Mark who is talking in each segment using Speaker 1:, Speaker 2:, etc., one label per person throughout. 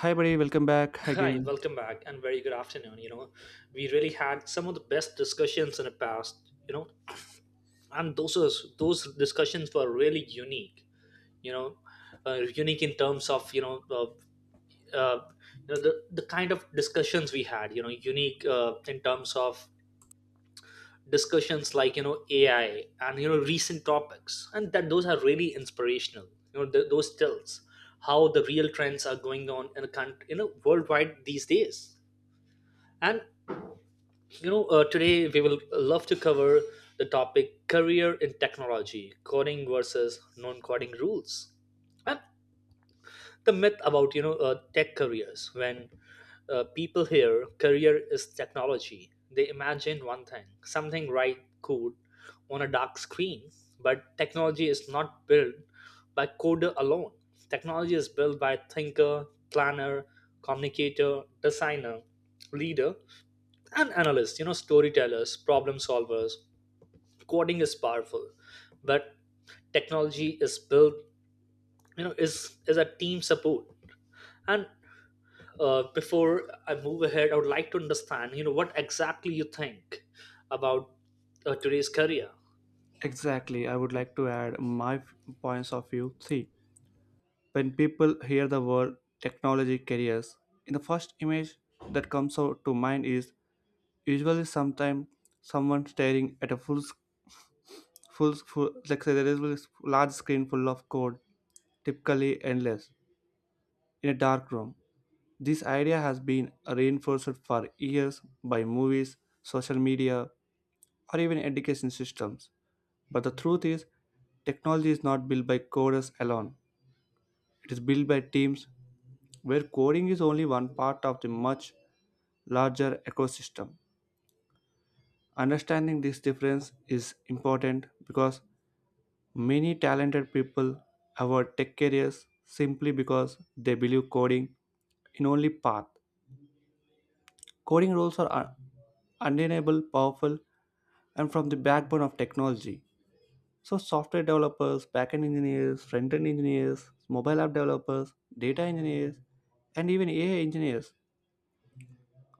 Speaker 1: Hi, buddy. Welcome back
Speaker 2: Hi,
Speaker 1: again.
Speaker 2: welcome back and very good afternoon. We really had some of the best discussions in the past, and those discussions were really unique, you know, unique in terms of, uh, you know the, the kind of discussions we had, unique in terms of discussions like, AI and, recent topics. And that those are really inspirational, those tells how the real trends are going on in a country, worldwide these days. And today we will love to cover the topic career in technology, coding versus non-coding rules, and the myth about tech careers. When people hear career is technology, they imagine one thing, something right code on a dark screen. But technology is not built by coder alone. Technology is built by thinker, planner, communicator, designer, leader, and analysts, storytellers, problem solvers. Coding is powerful, but technology is built, is a team support. And Before I move ahead, I would like to understand, what exactly you think about today's career.
Speaker 1: Exactly. I would like to add my points of view. See, when people hear the word technology careers, in the first image that comes out to mind is usually sometime someone staring at a full, like say there is a large screen full of code, typically endless, in a dark room. This idea has been reinforced for years by movies, social media, or even education systems. But the truth is, technology is not built by coders alone. It is built by teams where coding is only one part of the much larger ecosystem. Understanding this difference is important because many talented people avoid tech careers simply because they believe coding in only path. Coding roles are undeniable, powerful, and from the backbone of technology. So software developers, backend engineers, front-end engineers, mobile app developers, data engineers, and even AI engineers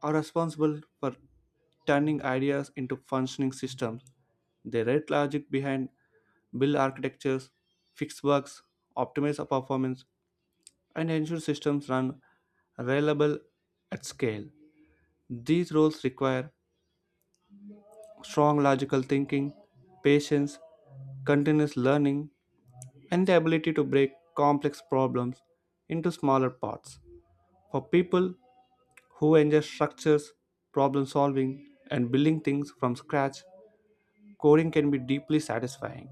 Speaker 1: are responsible for turning ideas into functioning systems. They write logic behind build architectures, fix bugs, optimize performance, and ensure systems run reliable at scale. These roles require strong logical thinking, patience, continuous learning, and the ability to break complex problems into smaller parts. For people who enjoy structures, problem solving, and building things from scratch, coding can be deeply satisfying.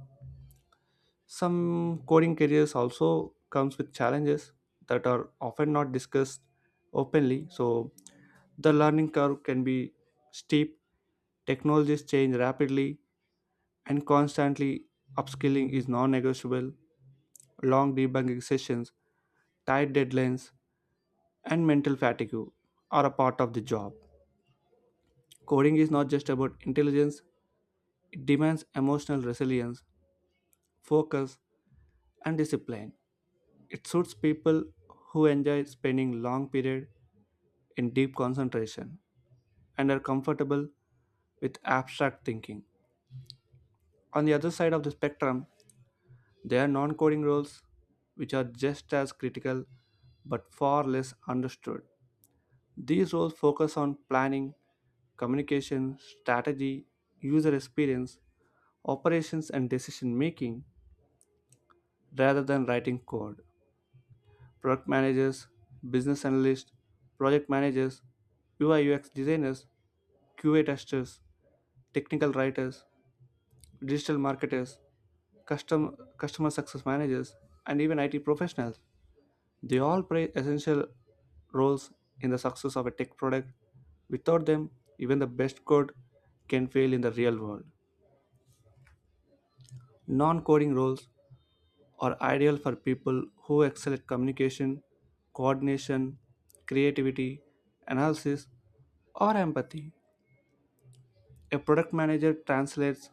Speaker 1: Some coding careers also comes with challenges that are often not discussed openly, so the learning curve can be steep, technologies change rapidly, and constantly upskilling is non negotiable. Long debugging sessions, tight deadlines, and mental fatigue are a part of the job. Coding is not just about intelligence, it demands emotional resilience, focus, and discipline. It suits people who enjoy spending long periods in deep concentration and are comfortable with abstract thinking. On the other side of the spectrum, there are non coding roles which are just as critical but far less understood. These roles focus on planning, communication, strategy, user experience, operations, and decision making rather than writing code. Product managers, business analysts, project managers, UI UX designers, QA testers, technical writers, digital marketers, customer success managers, and even IT professionals, they all play essential roles in the success of a tech product. Without them, even the best code can fail in the real world. Non coding roles are ideal for people who excel at communication, coordination, creativity, analysis, or empathy. A product manager translates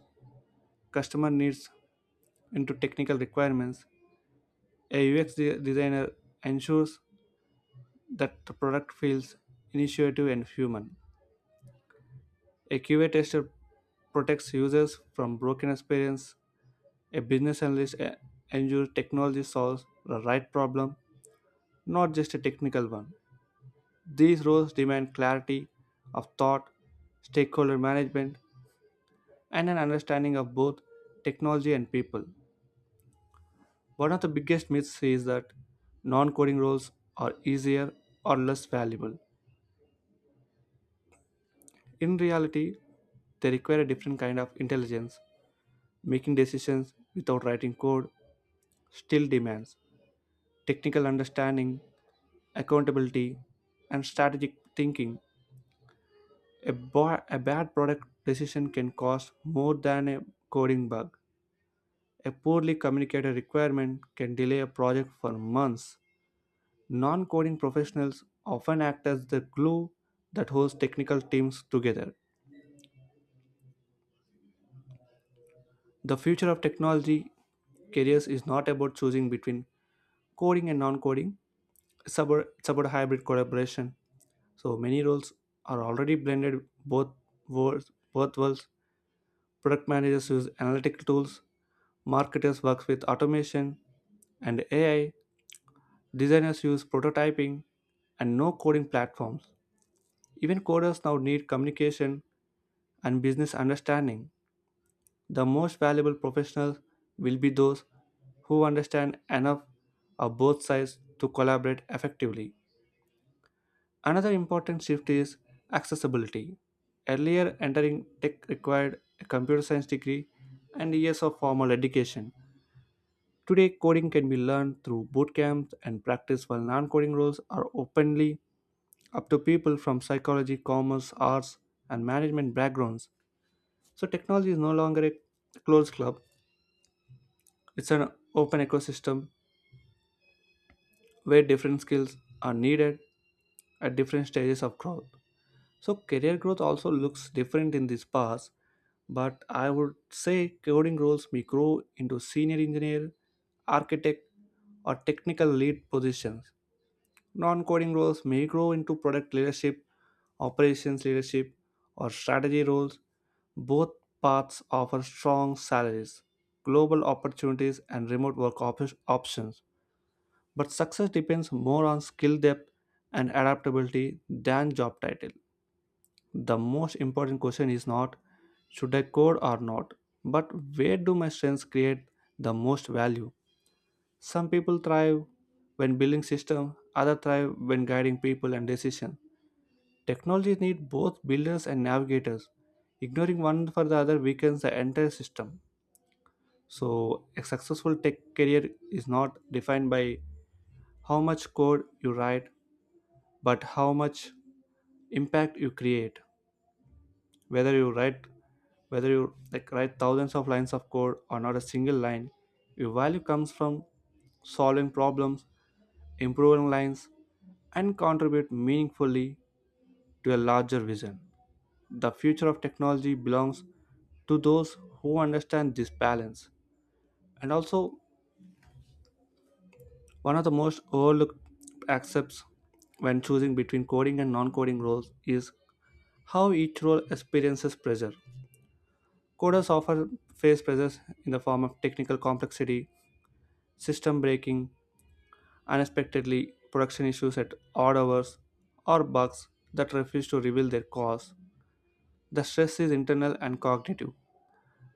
Speaker 1: customer needs into technical requirements. A UX designer ensures that the product feels initiative and human. A QA tester protects users from broken experience. A business analyst ensures technology solves the right problem, not just a technical one. These roles demand clarity of thought, stakeholder management, and an understanding of both technology and people. One of the biggest myths is that non coding roles are easier or less valuable. In reality, they require a different kind of intelligence, making decisions without writing code, still demands technical understanding, accountability, and strategic thinking. A bad product decision can cost more than a coding bug. A poorly communicated requirement can delay a project for months. Non coding professionals often act as the glue that holds technical teams together. The future of technology careers is not about choosing between coding and non coding, it's about hybrid collaboration. So many roles are already blended both worlds. Both worlds. Product managers use analytical tools, marketers work with automation and AI, designers use prototyping and no coding platforms. Even coders now need communication and business understanding. The most valuable professionals will be those who understand enough of both sides to collaborate effectively. Another important shift is accessibility. Earlier, entering tech required a computer science degree and years of formal education. Today, coding can be learned through boot camps and practice, while non coding roles are openly up to people from psychology, commerce, arts, and management backgrounds. So, technology is no longer a closed club, it's an open ecosystem where different skills are needed at different stages of growth. So career growth also looks different in this path, but I would say coding roles may grow into senior engineer, architect, or technical lead positions. Non-coding roles may grow into product leadership, operations leadership, or strategy roles. Both paths offer strong salaries, global opportunities, and remote options. But success depends more on skill depth and adaptability than job title. The most important question is not should I code or not, but where do my strengths create the most value? Some people thrive when building systems, others thrive when guiding people and decisions. Technologies need both builders and navigators. Ignoring one for the other weakens the entire system. So, a successful tech career is not defined by how much code you write, but how much impact you create. Whether you write whether you like write thousands of lines of code or not a single line, your value comes from solving problems, improving lines, and contribute meaningfully to a larger vision. The future of technology belongs to those who understand this balance. And also, one of the most overlooked aspects when choosing between coding and non-coding roles is how each role experiences pressure. Coders often face pressures in the form of technical complexity, system breaking, unexpectedly production issues at odd hours, or bugs that refuse to reveal their cause. The stress is internal and cognitive.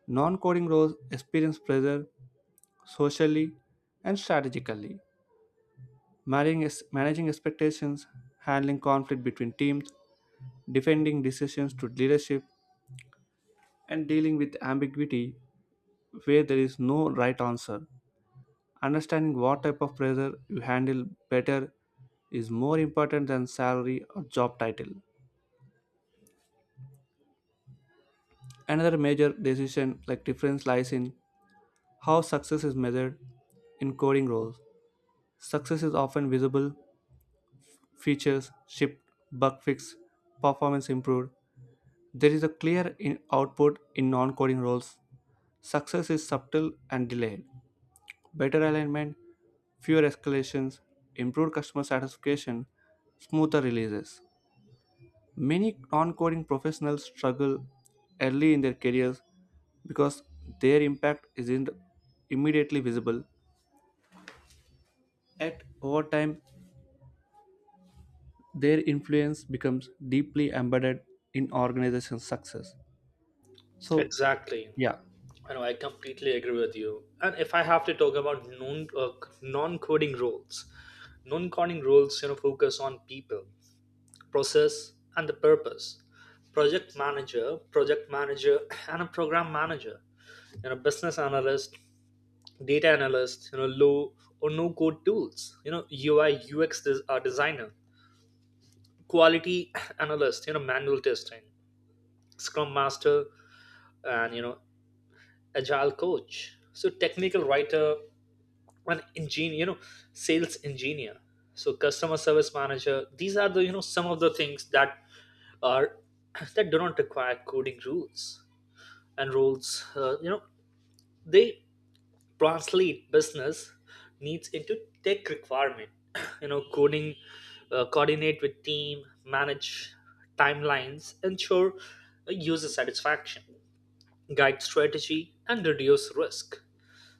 Speaker 1: Non coding roles experience pressure socially and strategically, managing expectations, handling conflict between teams, defending decisions to leadership, and dealing with ambiguity where there is no right answer. Understanding what type of pressure you handle better is more important than salary or job title. Another major decision like difference lies in how success is measured in coding roles. Success is often visible, features shipped, bug fixed, performance improved. There is a clear in output in non-coding roles. Success is subtle and delayed. Better alignment, fewer escalations, improved customer satisfaction, smoother releases. Many non coding professionals struggle early in their careers because their impact isn't immediately visible. At over time, their influence becomes deeply embedded in organization success. So,
Speaker 2: Exactly.
Speaker 1: yeah,
Speaker 2: I know I completely agree with you. And if I have to talk about non coding roles, non coding roles, focus on people, process, and the purpose: project manager, and a program manager, business analyst, data analyst, low or no code tools, UI UX designer, quality analyst, manual testing, scrum master, and agile coach, so technical writer, an engineer, sales engineer, so customer service manager. These are the some of the things that are that do not require coding rules and roles. They translate business needs into tech requirement. Coding coordinate with team, manage timelines, ensure user satisfaction, guide strategy, and reduce risk.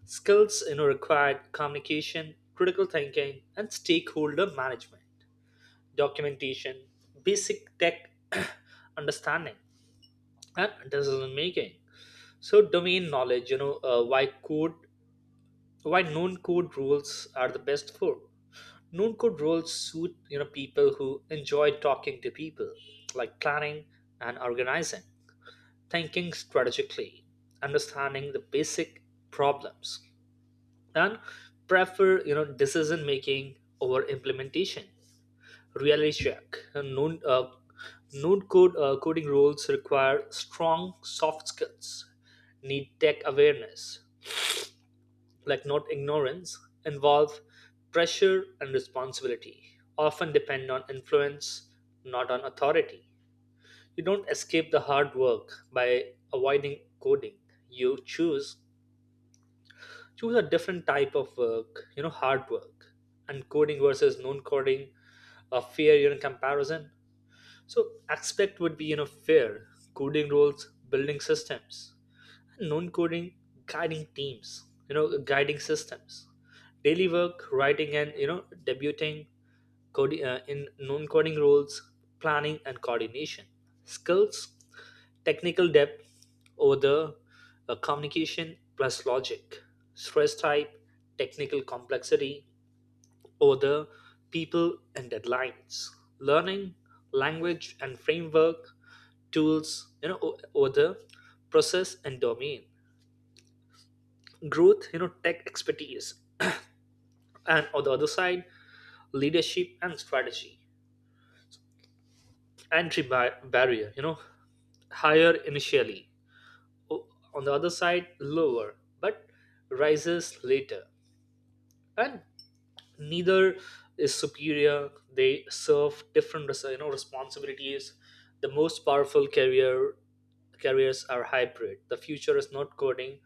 Speaker 2: Skills required: communication, critical thinking, and stakeholder management, documentation, basic tech understanding, and decision making. So domain knowledge. Why code, why known code rules are the best for. Known code rules suit, people who enjoy talking to people, like planning and organizing, thinking strategically, understanding the basic problems, and prefer, decision making over implementation. Reality check. Known Node code Coding rules require strong soft skills, need tech awareness, like not ignorance, involve pressure and responsibility, often depend on influence, not on authority. You don't escape the hard work by avoiding coding. You choose a different type of work, hard work. And coding versus non-coding, a fair, comparison. So aspect would be fair: coding roles, building systems. Non-coding, guiding teams, guiding systems. Daily work: writing and debuting coding in non-coding roles, planning and coordination. Skills: technical depth over the communication plus logic. Stress type: technical complexity over the people and deadlines. Learning: language and framework tools, over the process and domain. Growth: tech expertise, and on the other side leadership and strategy. Entry barrier, higher initially, o- on the other side lower but rises later. And neither is superior. They serve different responsibilities. The most powerful careers are hybrid. The future is not coding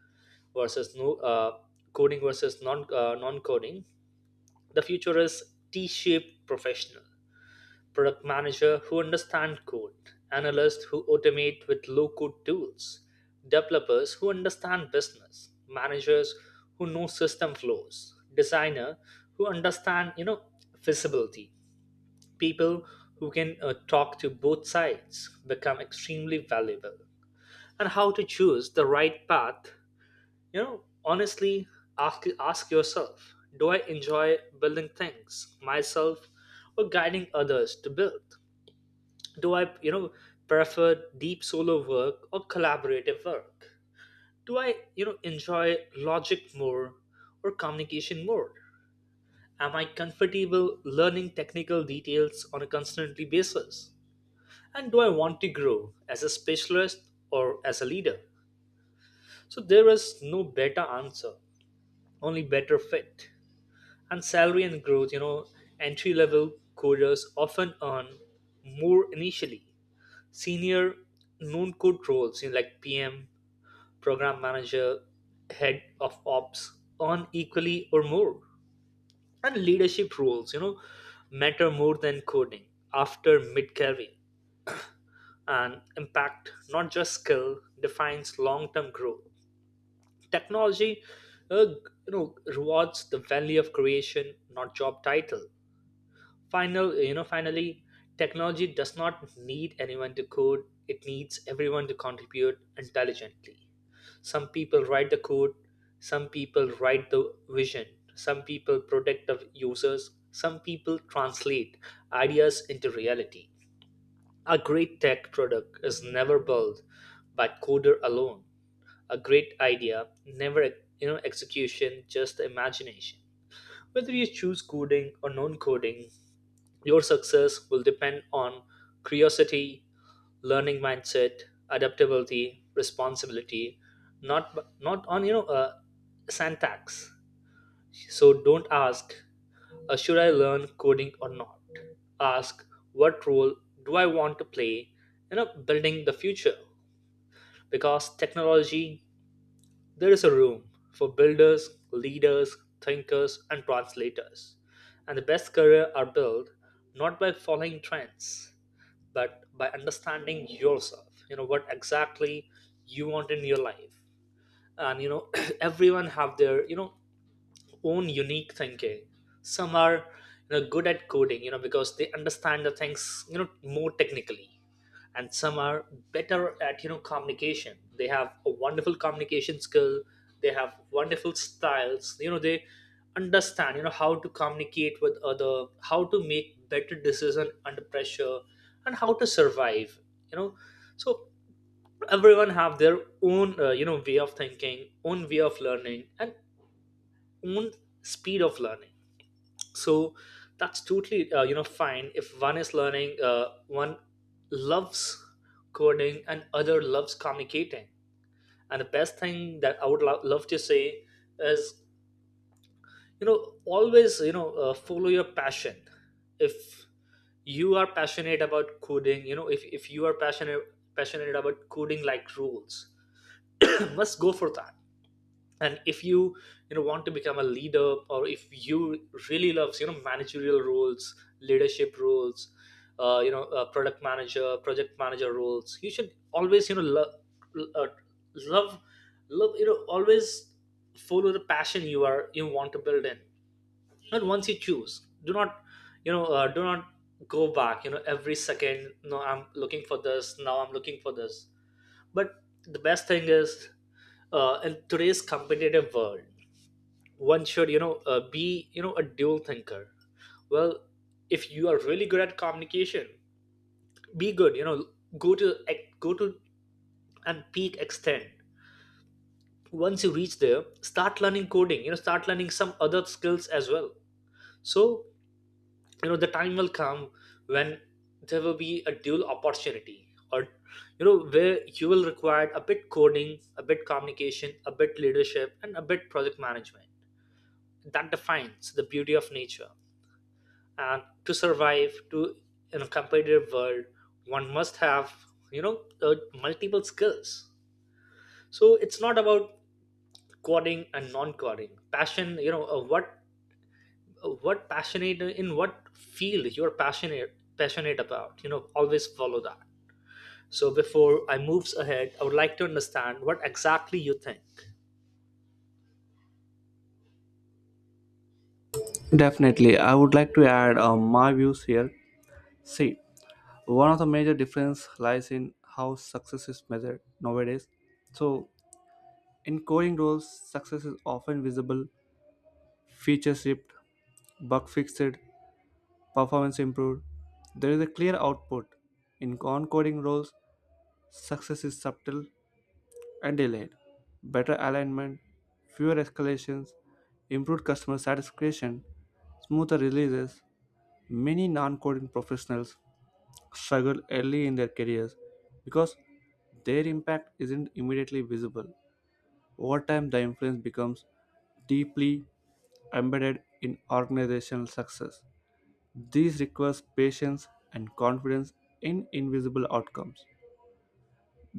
Speaker 2: versus no coding versus non non coding. The future is T-shaped professional. Product manager who understand code, analysts who automate with low-code tools, developers who understand business, managers who know system flows, designer who understand, feasibility, people who can talk to both sides become extremely valuable. And how to choose the right path, honestly, ask yourself: do I enjoy building things myself or guiding others to build? Do I, prefer deep solo work or collaborative work? Do I, enjoy logic more or communication more? Am I comfortable learning technical details on a constantly basis? And do I want to grow as a specialist or as a leader? So there is no better answer, only better fit. And salary and growth: entry level coders often earn more initially. Senior known code roles, like PM, program manager, head of ops, earn equally or more. And leadership roles, matter more than coding after mid career. And impact, not just skill, defines long term growth. Technology, uh, rewards the value of creation, not job title. Finally, technology does not need anyone to code. It needs everyone to contribute intelligently. Some people write the code, some people write the vision, some people protect the users, some people translate ideas into reality. A great tech product is never built by coder alone. A great idea never, execution just imagination. Whether you choose coding or non-coding, your success will depend on curiosity, learning mindset, adaptability, responsibility, not on syntax. So don't ask, should I learn coding or not? Ask what role do I want to play in know, building the future, because technology there is a room for builders, leaders, thinkers, and translators. And the best career are built not by following trends but by understanding yourself, what exactly you want in your life. And everyone have their own unique thinking. Some are good at coding, because they understand the things more technically. And some are better at communication. They have a wonderful communication skill. They have wonderful styles, they understand how to communicate with other, how to make better decision under pressure, and how to survive, you know so everyone have their own, way of thinking, own way of learning, and own speed of learning. So that's totally fine if one is learning, one loves coding and other loves communicating. And the best thing that I would love to say is, always, follow your passion. If you are passionate about coding, if you are passionate about coding like rules, must go for that. And if you you know want to become a leader, or if you really loves managerial roles, leadership roles, product manager, project manager roles, you should always love, uh, love always follow the passion you want to build in. And once you choose, do not, do not go back every second. No, I'm looking for this, now I'm looking for this. But the best thing is, in today's competitive world, one should be a dual thinker. Well, if you are really good at communication, be good, go to go to and peak extent. Once you reach there, start learning coding, start learning some other skills as well. So the time will come when there will be a dual opportunity, or where you will require a bit coding, a bit communication, a bit leadership, and a bit project management. That defines the beauty of nature. And to survive, to in a competitive world, one must have, you know uh, multiple skills. So it's not about coding and non-coding. Passion, what passionate in what field you're passionate about, always follow that. So before I moves ahead, I would like to understand what exactly you think.
Speaker 1: definitely. I would like to add my views here. See, one of the major difference lies in how success is measured nowadays. So, in coding roles, success is often visible, feature shipped, bug fixed, performance improved. There is a clear output. In non-coding roles, success is subtle and delayed. Better alignment, fewer escalations, improved customer satisfaction, smoother releases. Many non-coding professionals struggle early in their careers because their impact isn't immediately visible. Over time, the influence becomes deeply embedded in organizational success. These requires patience and confidence in invisible outcomes.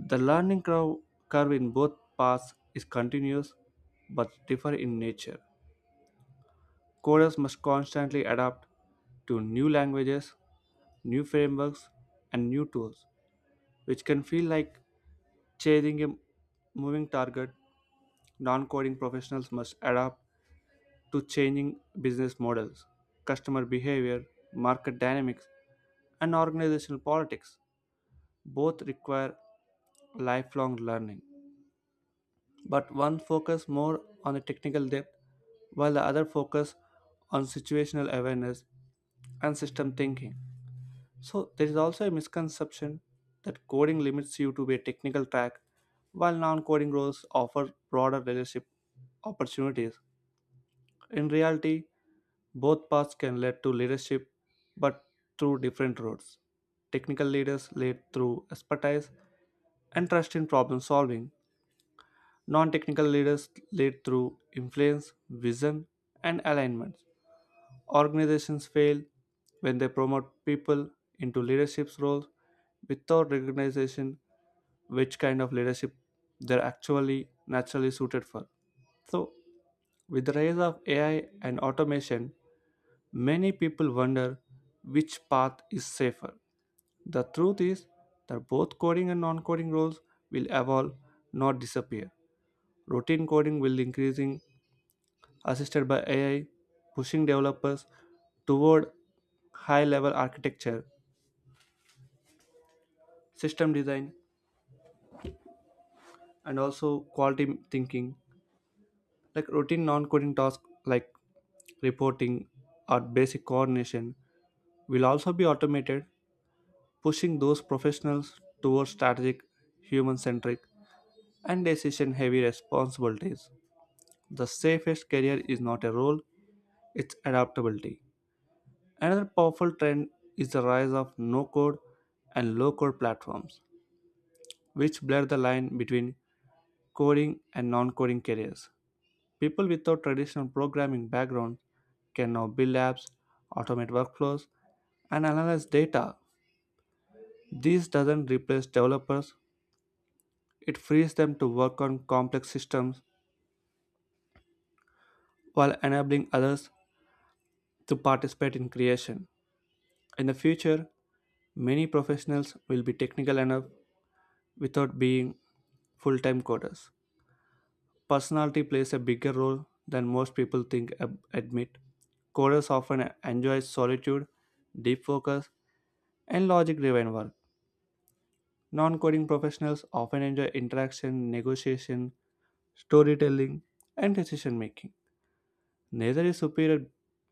Speaker 1: The learning curve in both paths is continuous but differ in nature. Coders must constantly adapt to new languages, new frameworks, and new tools, which can feel like chasing a moving target. Non coding professionals must adapt to changing business models, customer behavior, market dynamics, and organizational politics. Both require lifelong learning. But one focus more on the technical depth while the other focus on situational awareness and system thinking. So there is also a misconception that coding limits you to be a technical track while non-coding roles offer broader leadership opportunities. In reality, both paths can lead to leadership but through different roads. Technical leaders lead through expertise and trust in problem solving. Non technical leaders lead through influence, vision, and alignment. Organizations fail when they promote people into leadership roles without recognition which kind of leadership they're actually naturally suited for. So, with the rise of AI and automation, many people wonder which path is safer. The truth is that both coding and non coding roles will evolve, not disappear. Routine coding will increasing assisted by AI, pushing developers toward high level architecture, system design, and also quality thinking. Like routine non coding tasks like reporting or basic coordination will also be automated, pushing those professionals towards strategic, human centric, and decision heavy responsibilities. The safest career is not a role, it's adaptability. Another powerful trend is the rise of no code and low code platforms, which blur the line between coding and non coding careers. People without traditional programming background can now build apps, automate workflows, and analyze data. This doesn't replace developers, it frees them to work on complex systems while enabling others to participate in creation. In the future, many professionals will be technical enough without being full time coders. Personality plays a bigger role than most people admit. Coders often enjoy solitude, deep focus, and logic driven work. Non coding professionals often enjoy interaction, negotiation, storytelling, and decision making. Neither is superior.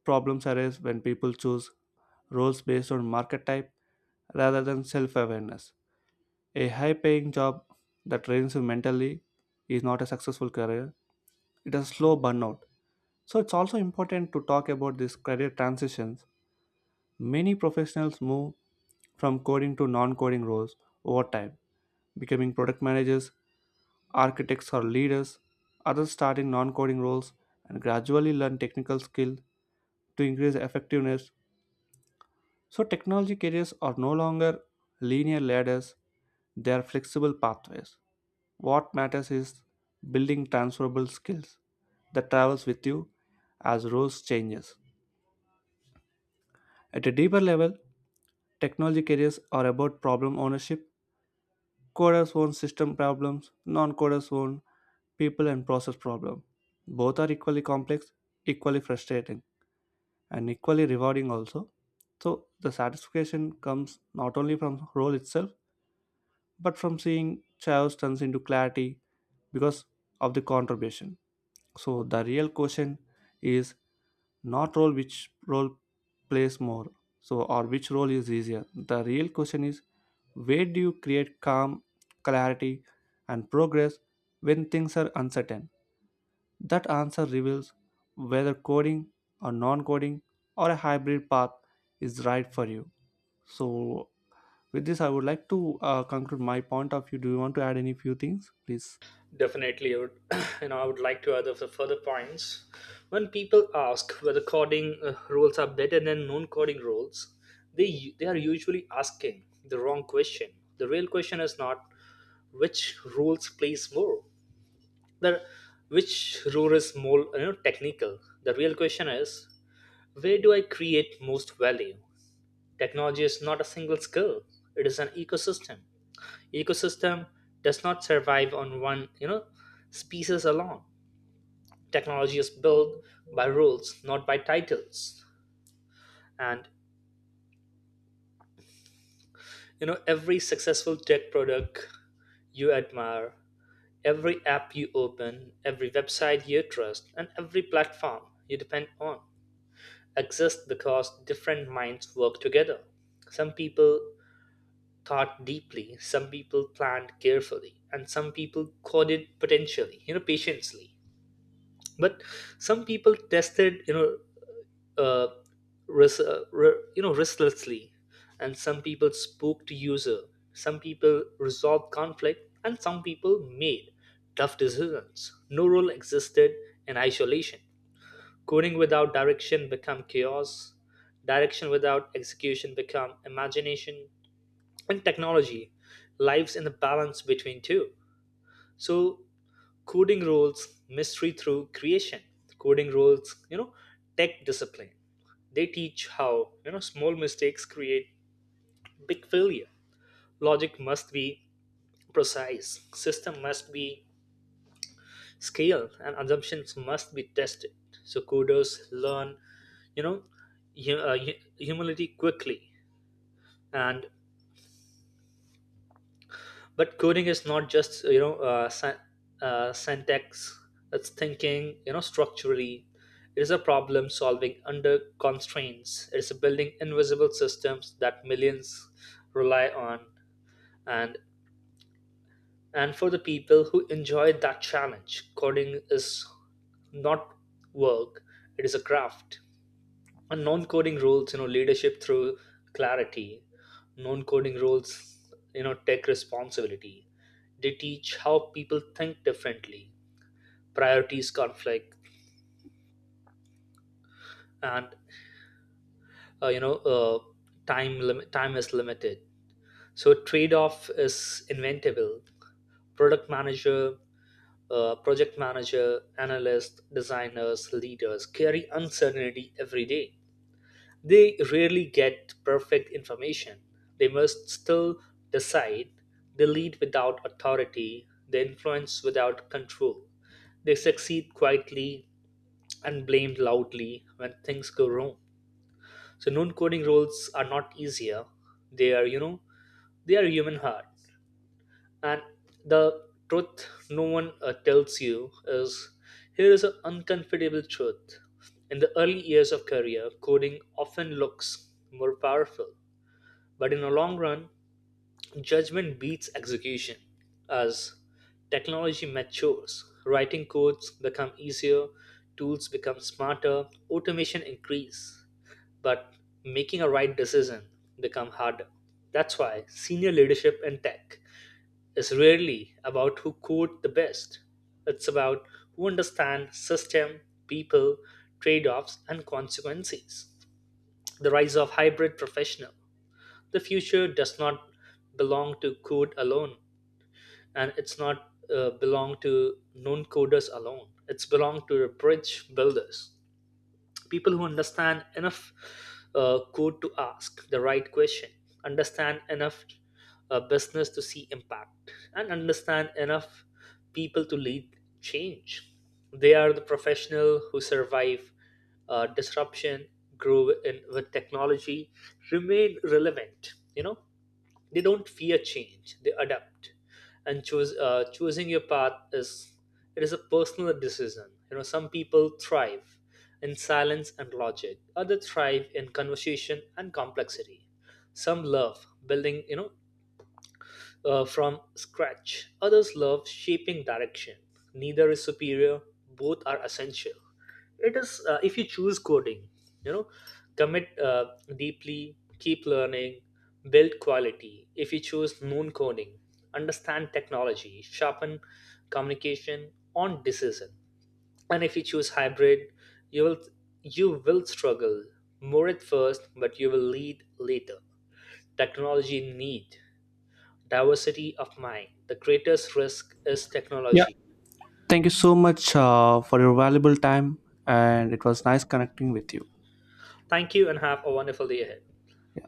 Speaker 1: Problems arise when people choose roles based on market type rather than self awareness. A high paying job that drains you mentally is not a successful career, it is a slow burnout. So it's also important to talk about these career transitions. Many professionals move from coding to non coding roles over time, becoming product managers, architects, or leaders. Others start in non coding roles and gradually learn technical skill to increase effectiveness. So technology careers are no longer linear ladders, they are flexible pathways. What matters is building transferable skills that travels with you as roles changes. At a deeper level, technology careers are about problem ownership. Coders own system problems, non-coders own people and process problem. Both are equally complex, equally frustrating, and equally rewarding also. So the satisfaction comes not only from role itself, but from seeing chaos turns into clarity because of the contribution. So the real question is not role which role plays more, so or which role is easier. The real question is, where do you create calm, clarity, and progress when things are uncertain? That answer reveals whether coding or non-coding or a hybrid path is right for you. So with this I would like to conclude my point of view. Do you want to add any few things please?
Speaker 2: Definitely, I would like to add a further points. When people ask whether coding rules are better than non-coding rules, they are usually asking the wrong question. The real question is not which rules plays more, the which rule is more technical. The real question is, where do I create most value? Technology is not a single skill; it is an ecosystem. Ecosystem does not survive on one, species alone. Technology is built by rules, not by titles. And every successful tech product you admire, every app you open, every website you trust, and every platform you depend on exists because different minds work together. Some people thought deeply, some people planned carefully, and some people coded potentially, patiently. But some people tested, uh, restlessly, and some people spoke to user, some people resolved conflict, and some people made tough decisions. No role existed in isolation. Coding without direction become chaos, direction without execution become imagination, and technology lives in the balance between two. So coding roles mystery through creation. Coding roles, tech discipline. They teach how, small mistakes create big failure. Logic must be precise, system must be scaled, and assumptions must be tested. So coders learn, you know humility quickly. And But coding is not just, syntax. It's thinking, structurally. It is a problem solving under constraints. It's building invisible systems that millions rely on. And and for the people who enjoy that challenge, coding is not work, it is a craft. And non-coding roles, leadership through clarity. Non-coding roles, tech responsibility. They teach how people think differently, priorities conflict, and uh, you know uh, time is limited. So trade-off is inventable. Product manager, project manager, analyst, designers, leaders carry uncertainty every day. They rarely get perfect information. They must still decide. They lead without authority. They influence without control. They succeed quietly and blamed loudly when things go wrong. So non-coding roles are not easier. They are, you know, they are human heart. And the truth no one tells you is, here is an uncomfortable truth. In the early years of career, coding often looks more powerful. But in the long run, judgment beats execution. As technology matures, writing codes become easier, tools become smarter, automation increase, but making a right decision become harder. That's why senior leadership in tech is rarely about who code the best. It's about who understands system, people, trade-offs and consequences. The rise of hybrid professional: the future does not belong to code alone, and it's not belong to non-coders alone. It's belong to the bridge builders, people who understand enough code to ask the right question, understand enough business to see impact, and understand enough people to lead change. They are the professional who survive disruption, grow in, with technology, remain relevant. They don't fear change, they adapt and choose choosing your path is, it is a personal decision. Some people thrive in silence and logic, others thrive in conversation and complexity. Some love building, from scratch, others love shaping direction. Neither is superior, both are essential. It is If you choose coding, you know commit deeply, keep learning, build quality. If you choose non coding, understand technology, sharpen communication on decision. And if you choose hybrid, you will you will struggle more at first but you will lead later. Technology need diversity of mind. The greatest risk is
Speaker 1: Yeah,
Speaker 2: technology.
Speaker 1: thank you so much for your valuable time, and it was nice connecting with you.
Speaker 2: Thank you and have a wonderful day ahead.
Speaker 1: Yeah.